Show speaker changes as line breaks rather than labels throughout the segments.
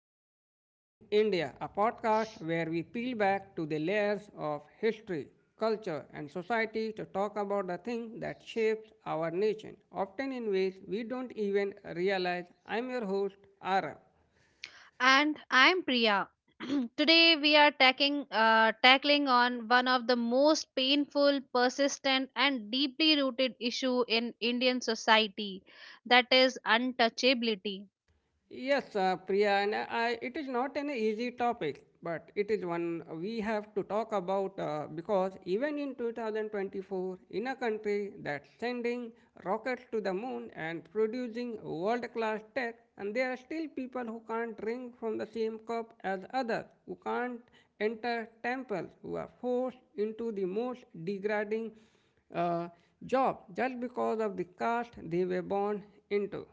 the Unseen India, a podcast where we peel back to the layers of history, culture, and society to talk about the thing that shapes our nation, often in ways we don't even realize. I'm your host, Arav.
And I'm Priya. Today we are tackling on one of the most painful, persistent, and deeply rooted issue in Indian society, that is untouchability.
Yes, Priya, and I, it is not an easy topic, but it is one we have to talk about because even in 2024, in a country that's sending rockets to the moon and producing world class tech, and there are still people who can't drink from the same cup as others, who can't enter temples, who are forced into the most degrading uh, job just because of the caste they were born into.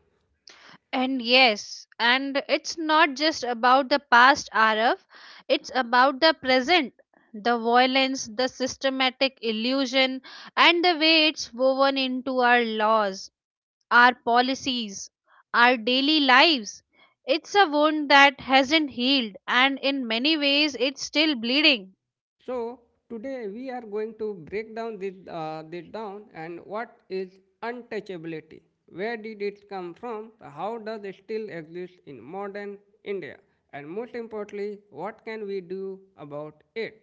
And yes, and it's not just about the past, Arav. It's about the present, the violence, the systematic illusion, and the way it's woven into our laws our policies, our daily lives. It's a wound that hasn't healed, and in many ways, it's still bleeding.
So today we are going to break down this down and what is untouchability? Where did it come from? How does it still exist in modern India? And most importantly, what can we do about it?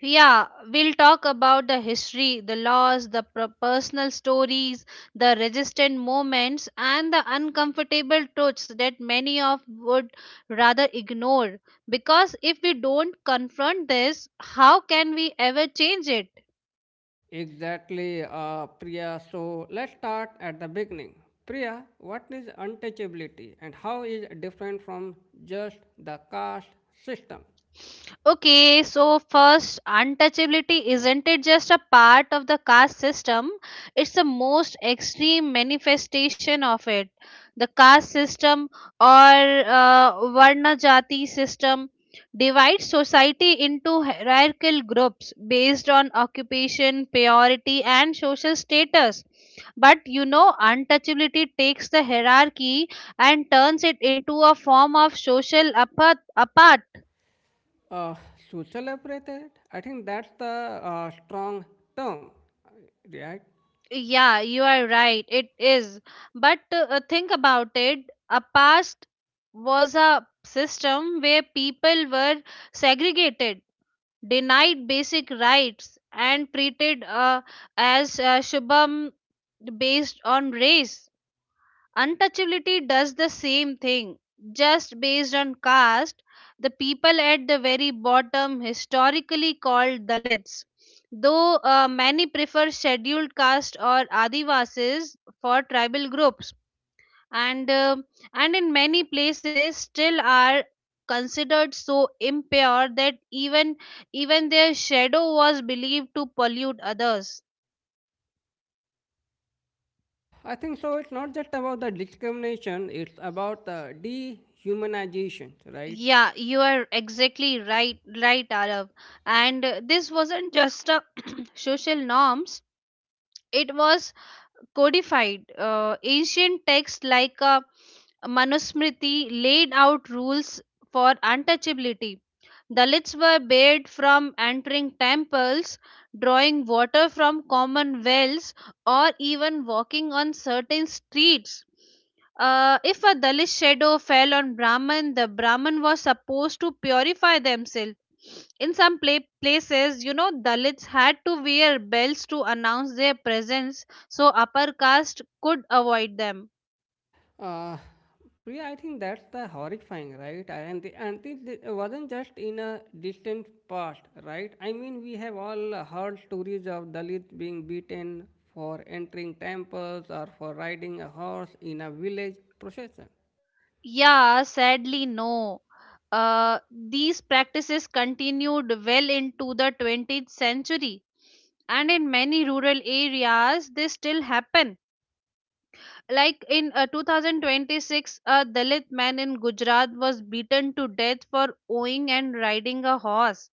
Yeah, we'll talk about the history, the laws, the personal stories, the resistant moments, and the uncomfortable truths that many of would rather ignore. Because if we don't confront this, how can we ever change it?
Exactly, Priya. So let's start at the beginning. Priya, what is untouchability and how is it different from just the caste system?
Okay, so first, untouchability isn't it just a part of the caste system? It's the most extreme manifestation of it. The caste system or uh, Varna Jati system divides society into hierarchical groups based on occupation, priority, and social status. But you know, untouchability takes the hierarchy and turns it into a form of social apartheid.
Uh, Social appetite. I think that's the strong term, right?
Yeah, you are right. It is. But think about it. A past was a system where people were segregated, denied basic rights, and treated as shubham based on race. Untouchability does the same thing. Just based on caste, the people at the very bottom, historically called Dalits, though many prefer scheduled caste or Adivasis for tribal groups, and uh, and in many places still are considered so impure that even their shadow was believed to pollute others.
Uh, I think so. It's not just about the discrimination; it's about the dehumanization, right?
Yeah, you are exactly right, right, Arav. And this wasn't just a social norms; it was codified. Ancient texts like Manusmriti laid out rules for untouchability, Dalits were barred from entering temples, drawing water from common wells, or even walking on certain streets. If a Dalit shadow fell on Brahman, the Brahman was supposed to purify themselves. In some places, you know, Dalits had to wear bells to announce their presence so upper caste could avoid them.
Uh, Priya, I think that's the horrifying, right? And this wasn't just in a distant past, right? I mean, we have all heard stories of Dalits being beaten for entering temples or for riding a horse in a village procession.
Yeah, sadly, no. These practices continued well into the 20th century, and in many rural areas, they still happen. Like in 2026, a Dalit man in Gujarat was beaten to death for owing and riding a horse.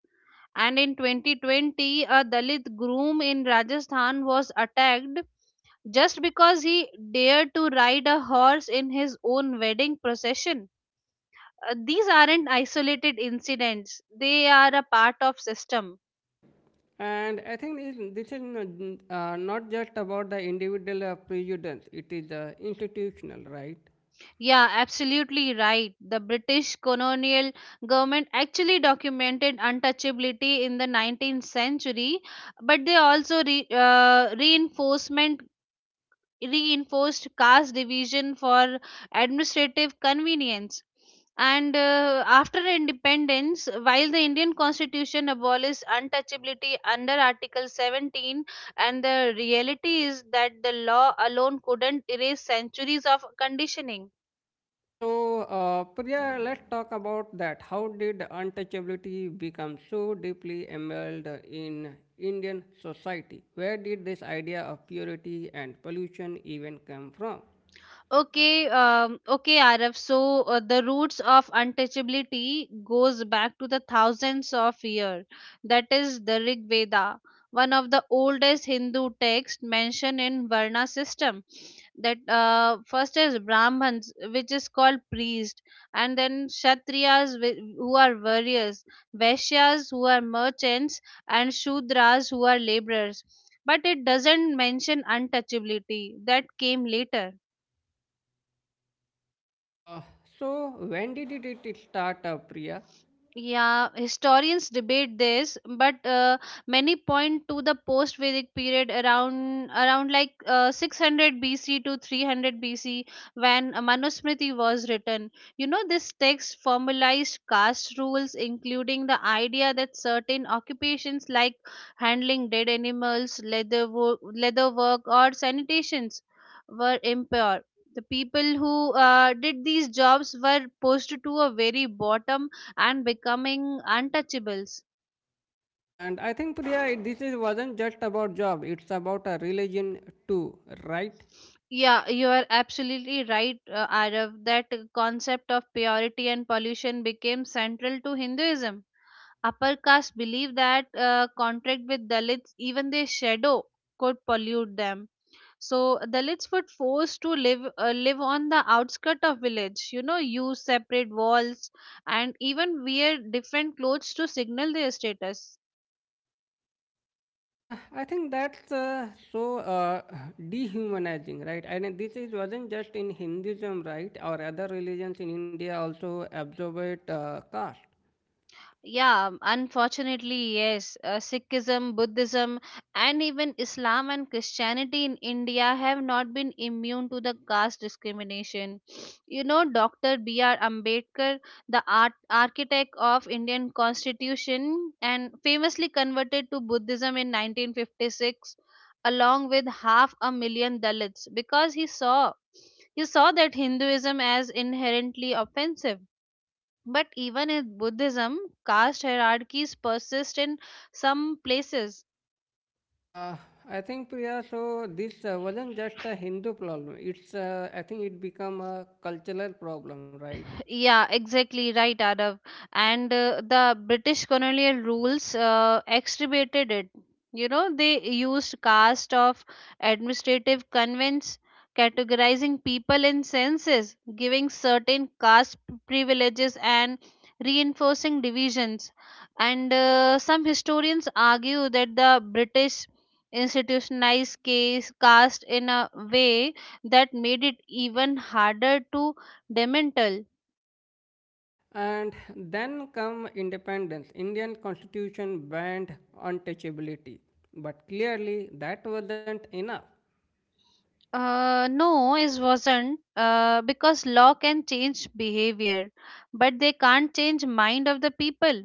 And in 2020, a Dalit groom in Rajasthan was attacked just because he dared to ride a horse in his own wedding procession. These aren't isolated incidents, they are a part of system.
And I think this is not, not just about the individual prejudice, it is institutional, right?
Yeah, absolutely right. The british colonial government actually documented untouchability in the 19th century, but they also re- reinforcement reinforced caste division for administrative convenience. And after independence, while the indian constitution abolished untouchability under article 17, and the reality is that the law alone couldn't erase centuries of conditioning.
So, Priya, let's talk about that. How did untouchability become so deeply embedded in Indian society? Where did this idea of purity and pollution even come from?
Okay, okay, Araf. So the roots of untouchability goes back to the thousands of years. That is the Rig Veda, one of the oldest Hindu texts mentioned in Varna system. That first is Brahmins, which is called priest, and then Kshatriyas, who are warriors, Vaishyas, who are merchants, and Shudras, who are laborers. But it doesn't mention untouchability. That came later.
Uh, so, when did it start, Priya?
Yeah, historians debate this, but many point to the post-Vedic period around like 600 BC to 300 BC when Manusmriti was written. You know, this text formalized caste rules, including the idea that certain occupations like handling dead animals, leather work, or sanitations were impure. The people who did these jobs were pushed to a very bottom and becoming untouchables.
And I think, Priya, this is, wasn't just about job, it's about a religion too, right?
Yeah, you are absolutely right, Arav. That concept of purity and pollution became central to Hinduism. Upper caste believed that contract with Dalits, even their shadow, could pollute them. So Dalits were forced to live on the outskirt of village. You know, use separate walls and even wear different clothes to signal their status.
I think that's dehumanizing, right? And this is wasn't just in Hinduism, right? Or other religions in India also absorb it, caste.
Yeah, unfortunately, yes. Sikhism, Buddhism, and even Islam and Christianity in India have not been immune to the caste discrimination. You know, Dr. B.R. Ambedkar, the art, architect of Indian Constitution, and famously converted to Buddhism in 1956, along with half a million Dalits, because he saw that Hinduism as inherently offensive. But even in Buddhism, caste hierarchies persist in some places.
Uh, I think Priya, so this wasn't just a Hindu problem. It's I think it become a cultural problem, right?
Yeah, exactly right, Adav. And the British colonial rules exacerbated it. You know, they used caste of administrative convents, categorizing people in census, giving certain caste privileges, and reinforcing divisions. And some historians argue that the British institutionalized case caste in a way that made it even harder to dismantle.
And then come independence. Indian Constitution banned untouchability, but clearly that wasn't enough.
No, it wasn't because law can change behavior, but they can't change mind of the people.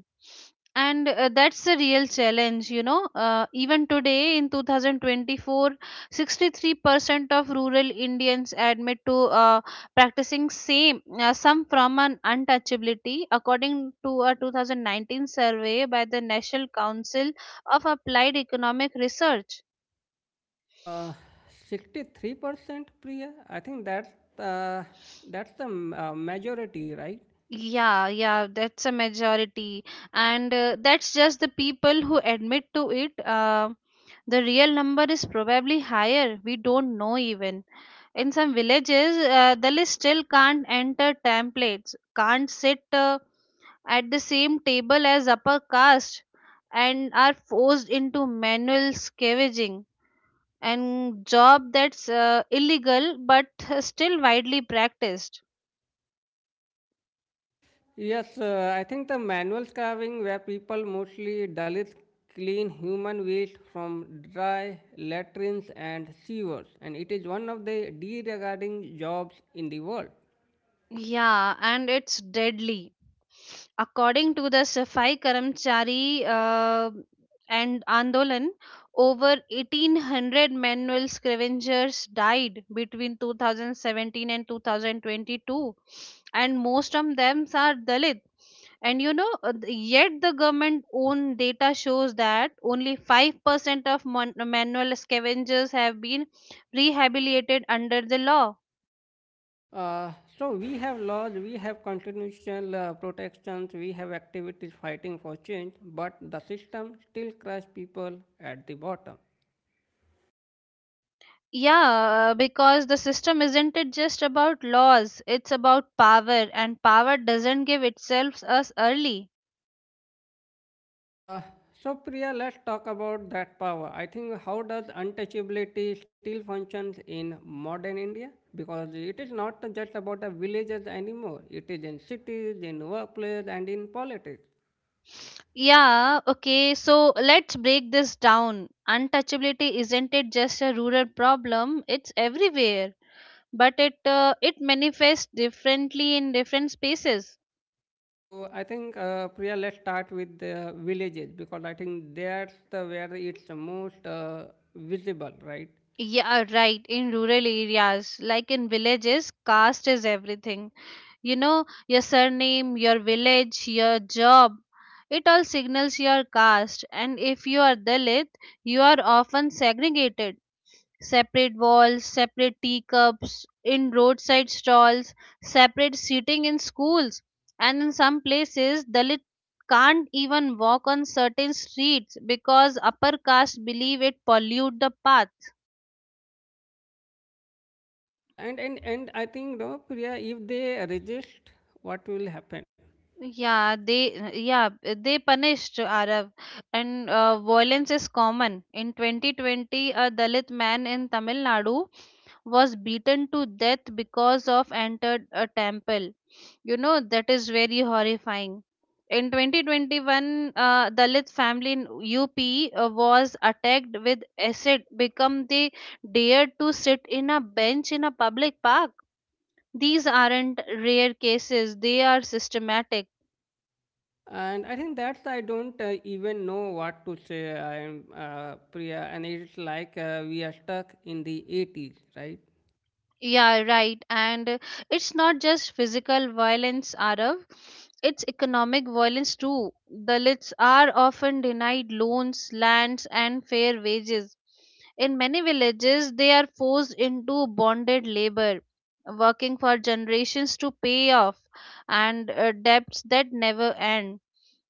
And that's the real challenge, you know. Even today in 2024, 63% of rural Indians admit to uh, practicing same, some from an untouchability, according to a 2019 survey by the National Council of Applied Economic Research.
Uh, 63% Priya. I think uh, that's the majority, right?
Yeah, yeah, that's a majority, and that's just the people who admit to it. The real number is probably higher. We don't know even. In some villages, the list still can't enter templates, can't sit at the same table as upper caste, and are forced into manual scavenging and job that's illegal but still widely practiced.
Yes, I think the manual carving where people mostly Dalits clean human waste from dry latrines and sewers, and it is one of the deregarding jobs in the world.
Yeah, and it's deadly. According to the Safai Karamchari and Andolan, over 1,800 manual scavengers died between 2017 and 2022, and most of them are Dalit. And you know, yet the government own data shows that only 5% of manual scavengers have been rehabilitated under the law.
Uh, so we have laws, we have constitutional protections, we have activities fighting for change, but the system still crushes people at the bottom.
Yeah, because the system isn't it just about laws, it's about power, and power doesn't give itself us early.
Uh, so, Priya, let's talk about that power. I think how does untouchability still functions in modern India? Because it is not just about the villages anymore. It is in cities, in workplace, and in politics.
Yeah, okay, so let's break this down. Untouchability isn't it just a rural problem, it's everywhere, but it manifests differently in different spaces.
So, I think Priya, let's start with the villages because I think that's the where it's the most visible, right?
Yeah, right, in rural areas, like in villages, caste is everything. You know, your surname, your village, your job, it all signals your caste. And if you are Dalit, you are often segregated. Separate walls, separate teacups, in roadside stalls, separate seating in schools. And in some places, Dalit can't even walk on certain streets because upper caste believe it pollute the path.
Yes, and I think no, Priya, if they resist, what will happen?
Yeah, they punished Arab, and violence is common. In 2020, a Dalit man in Tamil Nadu was beaten to death because of entered a temple. You know that is very horrifying. In 2021, Dalit family in UP was attacked with acid Become they dared to sit in a bench in a public park. These aren't rare cases; they are systematic.
And I think that's I don't even know what to say. I'm Priya, and it's like we are stuck in the 80s, right?
Yeah, right. And it's not just physical violence, Arav. It's economic violence too. Dalits are often denied loans, lands, and fair wages. In many villages, they are forced into bonded labor, working for generations to pay off and debts that never end.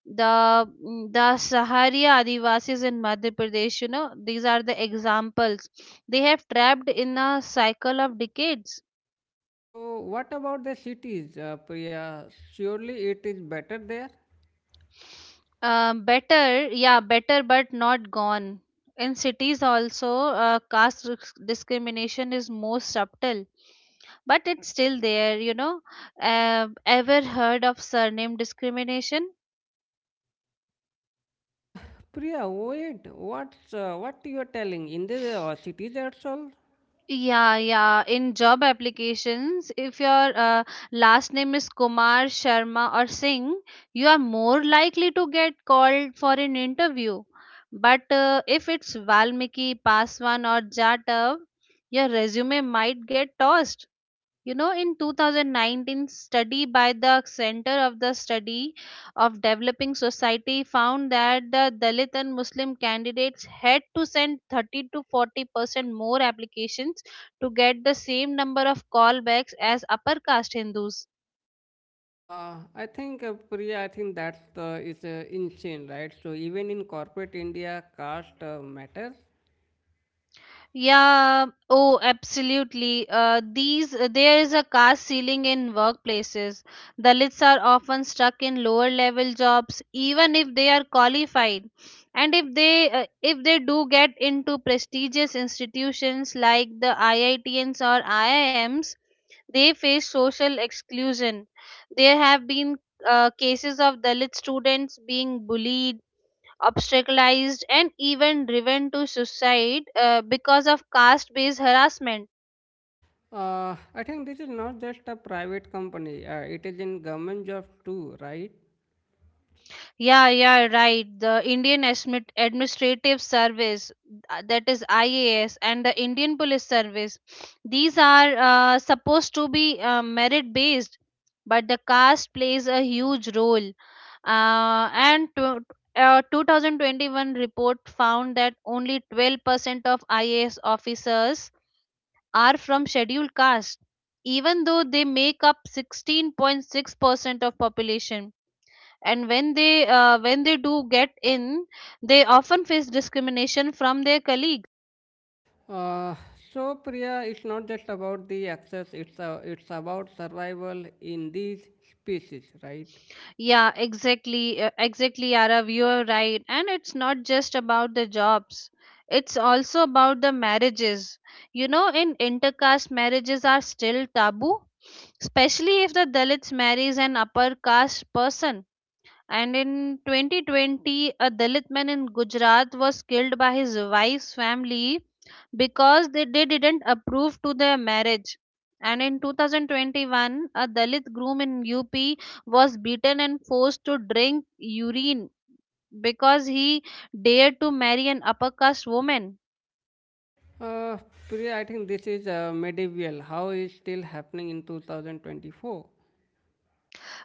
The Saharia Adivasis in Madhya Pradesh, you know, these are the examples. They have trapped in a cycle of decades.
So what about the cities, Priya? Surely it is better there.
Better, yeah, better, but not gone. In cities, also, caste discrimination is more subtle, but it's still there. You know, ever heard of surname discrimination?
Uh, Priya, wait. What's what you are telling in the cities itself?
Yeah, yeah. In job applications, if your last name is Kumar, Sharma, or Singh, you are more likely to get called for an interview. But if it's Valmiki, Paswan, or Jatav, your resume might get tossed. You know, in 2019 study by the Center of the Study of Developing Society found that the Dalit and Muslim candidates had to send 30 to 40% more applications to get the same number of callbacks as upper caste Hindus.
I think Priya, I think that's is insane, right? So even in corporate India, caste matters.
Yeah, oh, absolutely. These there is a caste ceiling in workplaces. Dalits are often stuck in lower level jobs, even if they are qualified. And if they do get into prestigious institutions like the IITNs or IIMs, they face social exclusion. There have been cases of Dalit students being bullied, obstacleized, and even driven to suicide because of caste based harassment.
I think this is not just a private company, it is in government jobs too, right?
Yeah, yeah, right. The indian administrative service, that is IAS, and the indian police service, these are supposed to be merit based, but the caste plays a huge role. Uh, and to, a 2021 report found that only 12% of IAS officers are from scheduled castes, even though they make up 16.6% of population. And when they do get in, they often face discrimination from their colleagues.
Uh, so, Priya, it's not just about the access, it's about survival in these species, right?
Yeah, exactly, Arav, you are right. And it's not just about the jobs, it's also about the marriages. You know, in intercaste marriages are still taboo, especially if the dalits marries an upper caste person. And in 2020, a Dalit man in Gujarat was killed by his wife's family because they didn't approve to their marriage. And in 2021, a Dalit groom in UP was beaten and forced to drink urine because he dared to marry an upper caste woman.
Uh, Priya, I think this is medieval, how is still happening in 2024.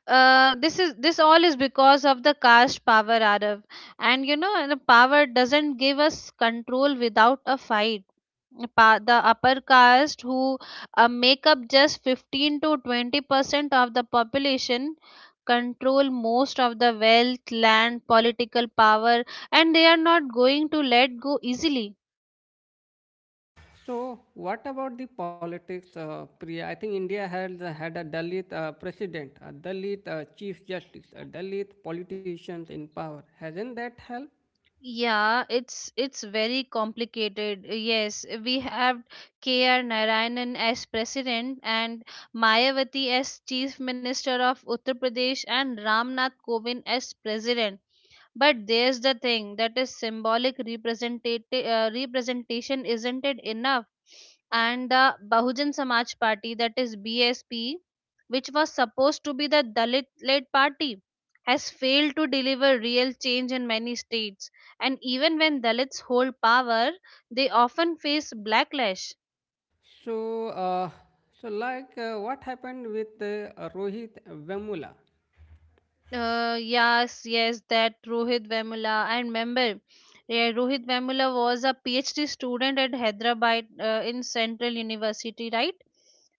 This all is because of the caste power, Arav. And you know, and the power doesn't give us control without a fight the upper caste who make up just 15 to 20 percent of the population, control most of the wealth, land, political power, and they are not going to let go easily.
Uh, so, what about the politics, Priya? I think India has had a Dalit president, a Dalit chief justice, a Dalit politicians in power. Hasn't that helped?
Yeah, it's very complicated. Yes, we have K.R. Narayanan as president, and Mayawati as chief minister of Uttar Pradesh, and Ramnath Kovind as president. But there's the thing, that is symbolic representative representation, isn't it enough? And the Bahujan Samaj Party, that is BSP, which was supposed to be the Dalit-led party, has failed to deliver real change in many states, and even when Dalits hold power, they often face backlash.
So, what happened with Rohit Vemula?
Yes, that Rohit Vemula, I remember. Yeah, Rohit Vemula was a PhD student at Hyderabad, in Central University, right?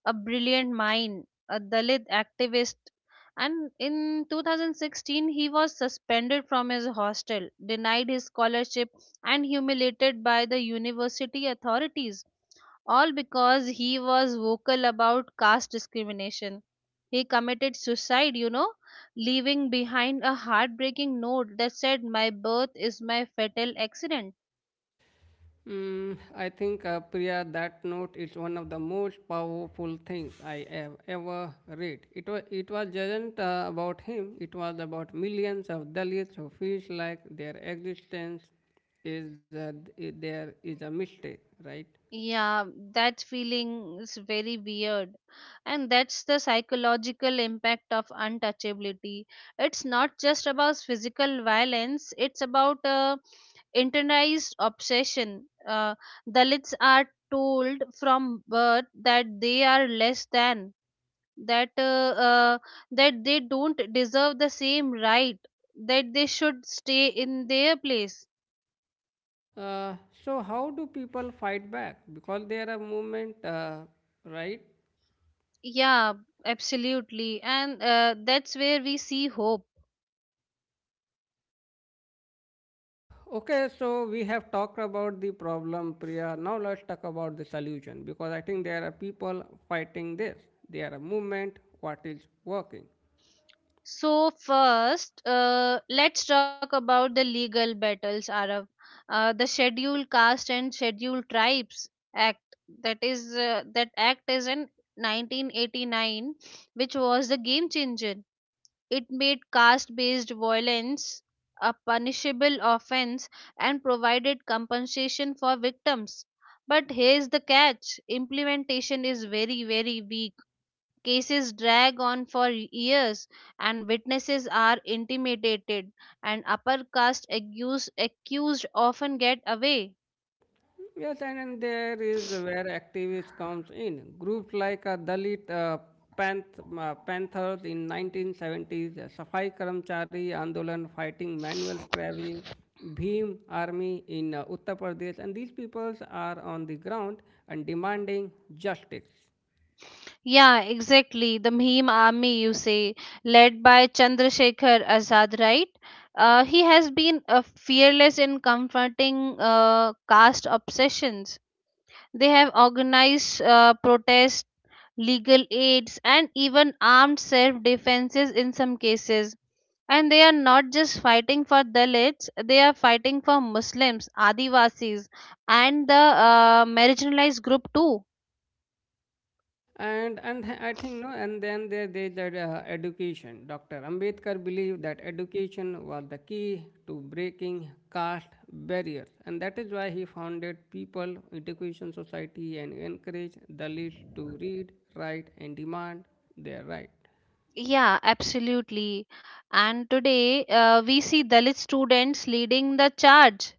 A brilliant mind, a Dalit activist. And in 2016, he was suspended from his hostel, denied his scholarship, and humiliated by the university authorities, all because he was vocal about caste discrimination. He committed suicide, you know, leaving behind a heartbreaking note that said, "My birth is my fatal accident."
Mm, I think Priya, that note is one of the most powerful things I have ever read. It wasn't about him. It was about millions of Dalits who feels like their existence is there is a mistake, right?
Yeah, that feeling is very weird. And that's the psychological impact of untouchability. It's not just about physical violence, it's about internalized obsession. Dalits are told from birth that they are less than, that uh, uh, that they don't deserve the same right, that they should stay in their place.
Uh, so how do people fight back? Because there are a movement, right?
Yeah, absolutely. And that's where we see hope.
Okay, so we have talked about the problem, Priya. Now let's talk about the solution because I think there are people fighting this. There are movement, what is working.
So, first, let's talk about the legal battles, Arab. The Schedule Caste and Schedule Tribes Act, that act is in 1989, which was the game changer. It made caste based violence a punishable offense and provided compensation for victims. But here's the catch: implementation is very, very weak. Cases drag on for years, and witnesses are intimidated, and upper caste accused often get away.
Yes, and then there is where activists comes in. Groups like Dalit Panthers in 1970s, Safai Karamchari Andolan fighting manual scrabbling, Bhim Army in Uttar Pradesh, and these peoples are on the ground and demanding justice.
Yeah, exactly. The Bhim army, you say, led by Chandrasekhar Azad, right? He has been fearless in confronting caste obsessions. They have organized protests, legal aids, and even armed self defenses in some cases. And they are not just fighting for Dalits, they are fighting for Muslims, Adivasis, and the marginalized group too.
And I think no and then there they that Education, Dr. Ambedkar believed that education was the key to breaking caste barriers, and that is why he founded People Education Society and encouraged Dalits to read, write, and demand their right.
Yeah, absolutely. And today we see Dalit students leading the charge.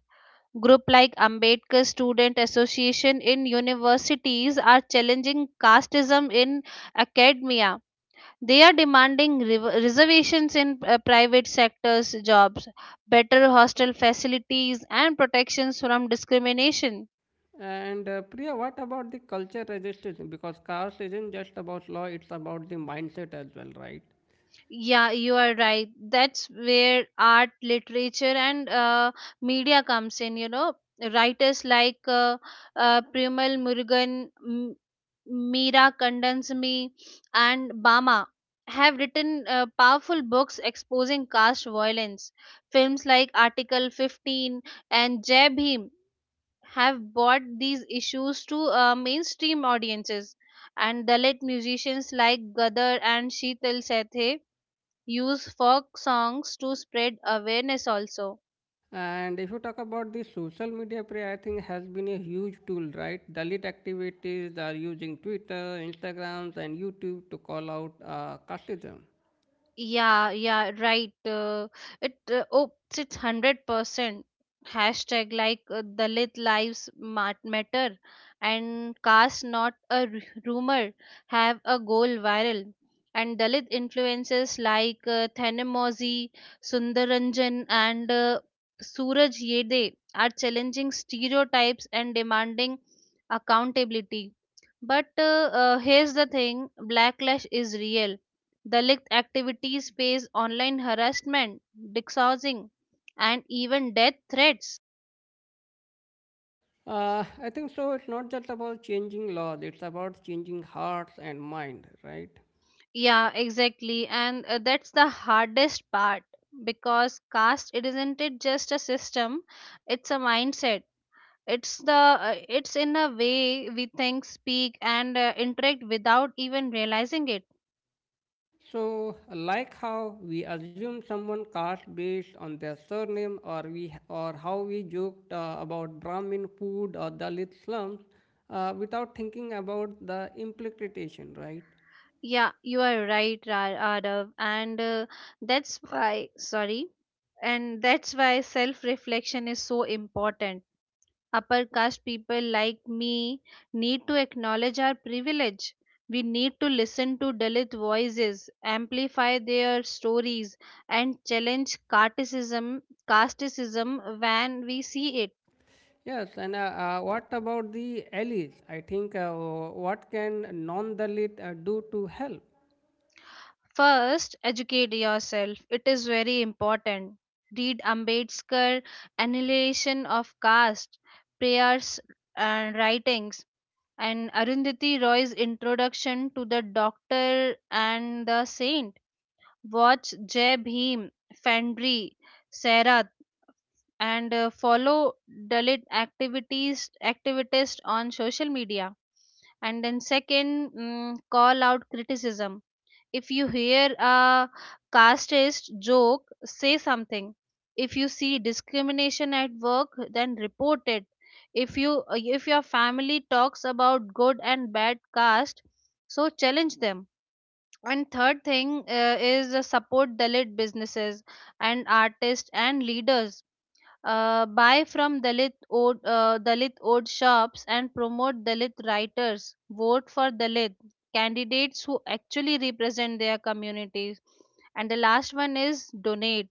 Group like Ambedkar Student Association in universities are challenging casteism in academia. They are demanding rev reservations in private sectors jobs, better hostel facilities, and protections from discrimination.
And Priya, what about the culture resistance? Because caste isn't just about law, it's about the mindset as well, right?
Yeah, you are right. That's where art, literature, and media comes in. You know, writers like Primal Murugan, Meera Kandansamy, and Bama have written powerful books exposing caste violence. Films like Article 15 and Jai Bhim have brought these issues to mainstream audiences. And Dalit musicians like Gadar and Sheetal Sethe use folk songs to spread awareness also.
And if you talk about the social media play, I think has been a huge tool, right? Dalit activities are using Twitter, Instagrams, and YouTube to call out casteism.
Yeah, yeah, right. It uh, oh, it's 100%. Hashtag like Dalit lives matter and caste not a rumor have a goal viral. And Dalit influences like Thanemozi, Sundaranjan, and Suraj Yede are challenging stereotypes and demanding accountability. But Here's the thing: backlash is real. Dalit activities face online harassment, doxing, and even death threats.
I think so. It's not just about changing laws; it's about changing hearts and mind, right?
Yeah, exactly. And that's the hardest part, because caste it isn't it just a system, it's a mindset. It's in a way we think, speak, and interact without even realizing it.
So, like how we assume someone caste based on their surname, or we or how we joked about Brahmin food or Dalit slums, without thinking about the implication, right?
Yeah, you are right, Radav, and that's why. Sorry, and that's why self-reflection is so important. Upper caste people like me need to acknowledge our privilege. We need to listen to Dalit voices, amplify their stories, and challenge casteism, casteism, when we see it.
Yes, and what about the allies? I think what can non-Dalit do to help?
First, educate yourself. It is very important. Read Ambedkar, Annihilation of Caste, Prayers and Writings, and Arundhati Roy's Introduction to the Doctor and the Saint. Watch Jai Bhim, Fandri, Sairat, and follow Dalit activities activists on social media. And then second, mm, call out criticism. If you hear a casteist joke, say something. If you see discrimination at work, then report it. If you if your family talks about good and bad caste, so challenge them. And third thing is support Dalit businesses and artists and leaders. Buy from Dalit owned shops and promote Dalit writers. Vote for Dalit candidates who actually represent their communities. And the last one is donate.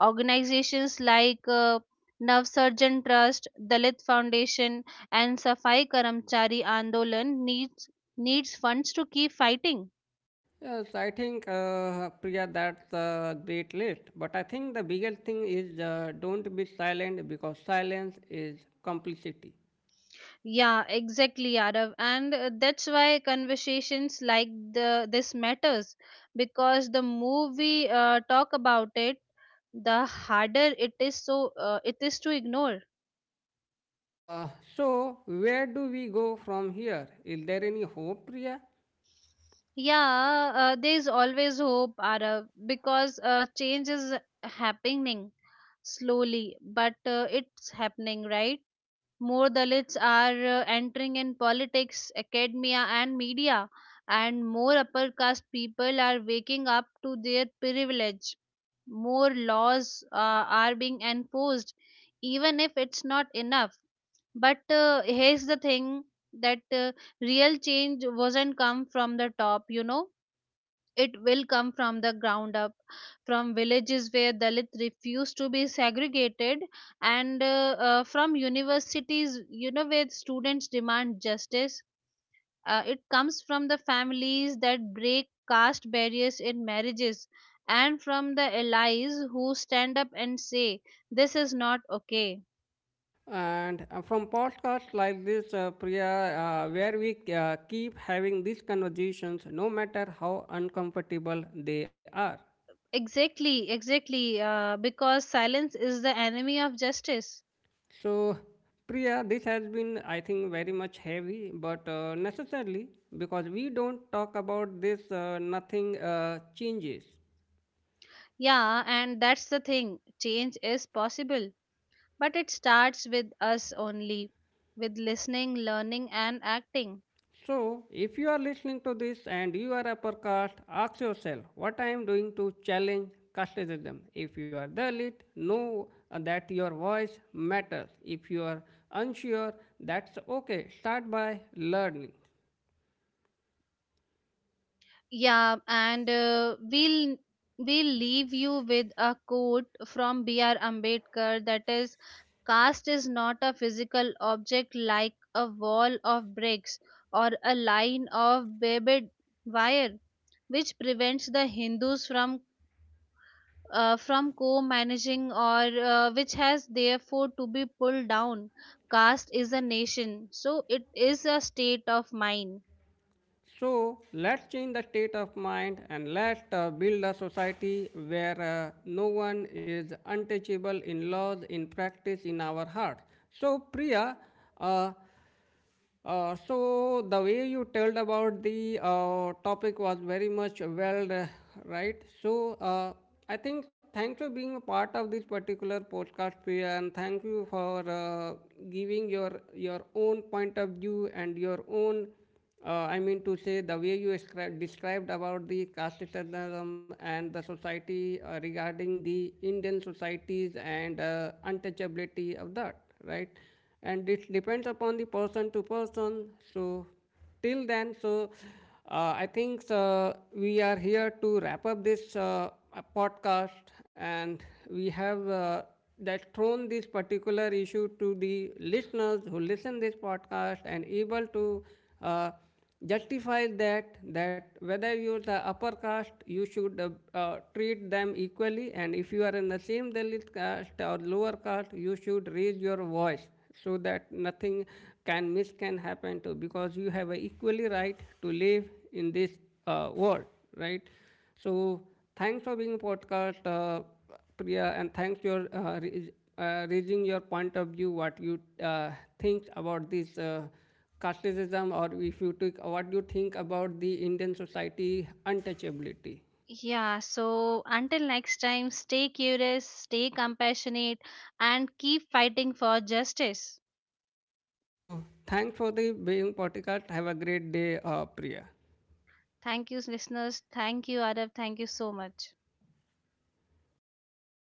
Organizations like Nav Surgeon Trust, Dalit Foundation, and Safai Karamchari Andolan needs funds to keep fighting.
Yes, I think Priya, that's a great list. But I think the biggest thing is don't be silent because silence is complicity.
Yeah, exactly, Arav. And that's why conversations like the this matters, because the more we talk about it, the harder it is to ignore.
Uh, so where do we go from here? Is there any hope, Priya?
Yeah, there is always hope, Arav, because change is happening slowly, but it's happening, right? More Dalits are entering in politics, academia, and media, and more upper caste people are waking up to their privilege. More laws are being enforced, even if it's not enough. But Here's the thing, that real change wasn't come from the top, you know, it will come from the ground up, from villages where Dalit refuse to be segregated, and from universities, you know, where students demand justice. It comes from the families that break caste barriers in marriages, and from the allies who stand up and say, "This is not okay."
And from podcasts like this, Priya, where we keep having these conversations, no matter how uncomfortable they are.
Exactly, exactly, because silence is the enemy of justice.
So, Priya, this has been, I think, very much heavy, but necessarily because we don't talk about this, nothing changes.
Yeah, and that's the thing. Change is possible. But it starts with us only, with listening, learning, and acting.
So, if you are listening to this and you are a podcast, ask yourself what I am doing to challenge casteism. If you are Dalit, know that your voice matters. If you are unsure, that's okay. Start by learning.
Yeah, and we'll leave you with a quote from B.R. Ambedkar, that is, "Caste is not a physical object like a wall of bricks or a line of barbed wire, which prevents the Hindus from co-managing, or which has therefore to be pulled down. Caste is a nation, so it is a state of mind."
So let's change the state of mind, and let's build a society where no one is untouchable in laws, in practice, in our hearts. So, Priya, uh, so the way you told about the topic was very much well right. So I think thanks for being a part of this particular podcast, Priya, and thank you for giving your own point of view and your own I mean to say the way you described about the casteism and the society regarding the Indian societies and untouchability of that, right? And it depends upon the person to person. So till then, so I think we are here to wrap up this podcast, and we have that thrown this particular issue to the listeners who listen this podcast and able to uh, justify that that whether you're the upper caste you should treat them equally, and if you are in the same Dalit caste or lower caste you should raise your voice so that nothing can miss can happen to because you have a equally right to live in this world, right? So thanks for being podcast, Priya, and thanks for raising your point of view, what you think about this casteism, or if you took what you think about the Indian society untouchability.
Yeah, so until next time, stay curious, stay compassionate, and keep fighting for justice.
So, thanks for the being podcast. Have a great day, Priya.
Thank you listeners, thank you Adav, thank you so much.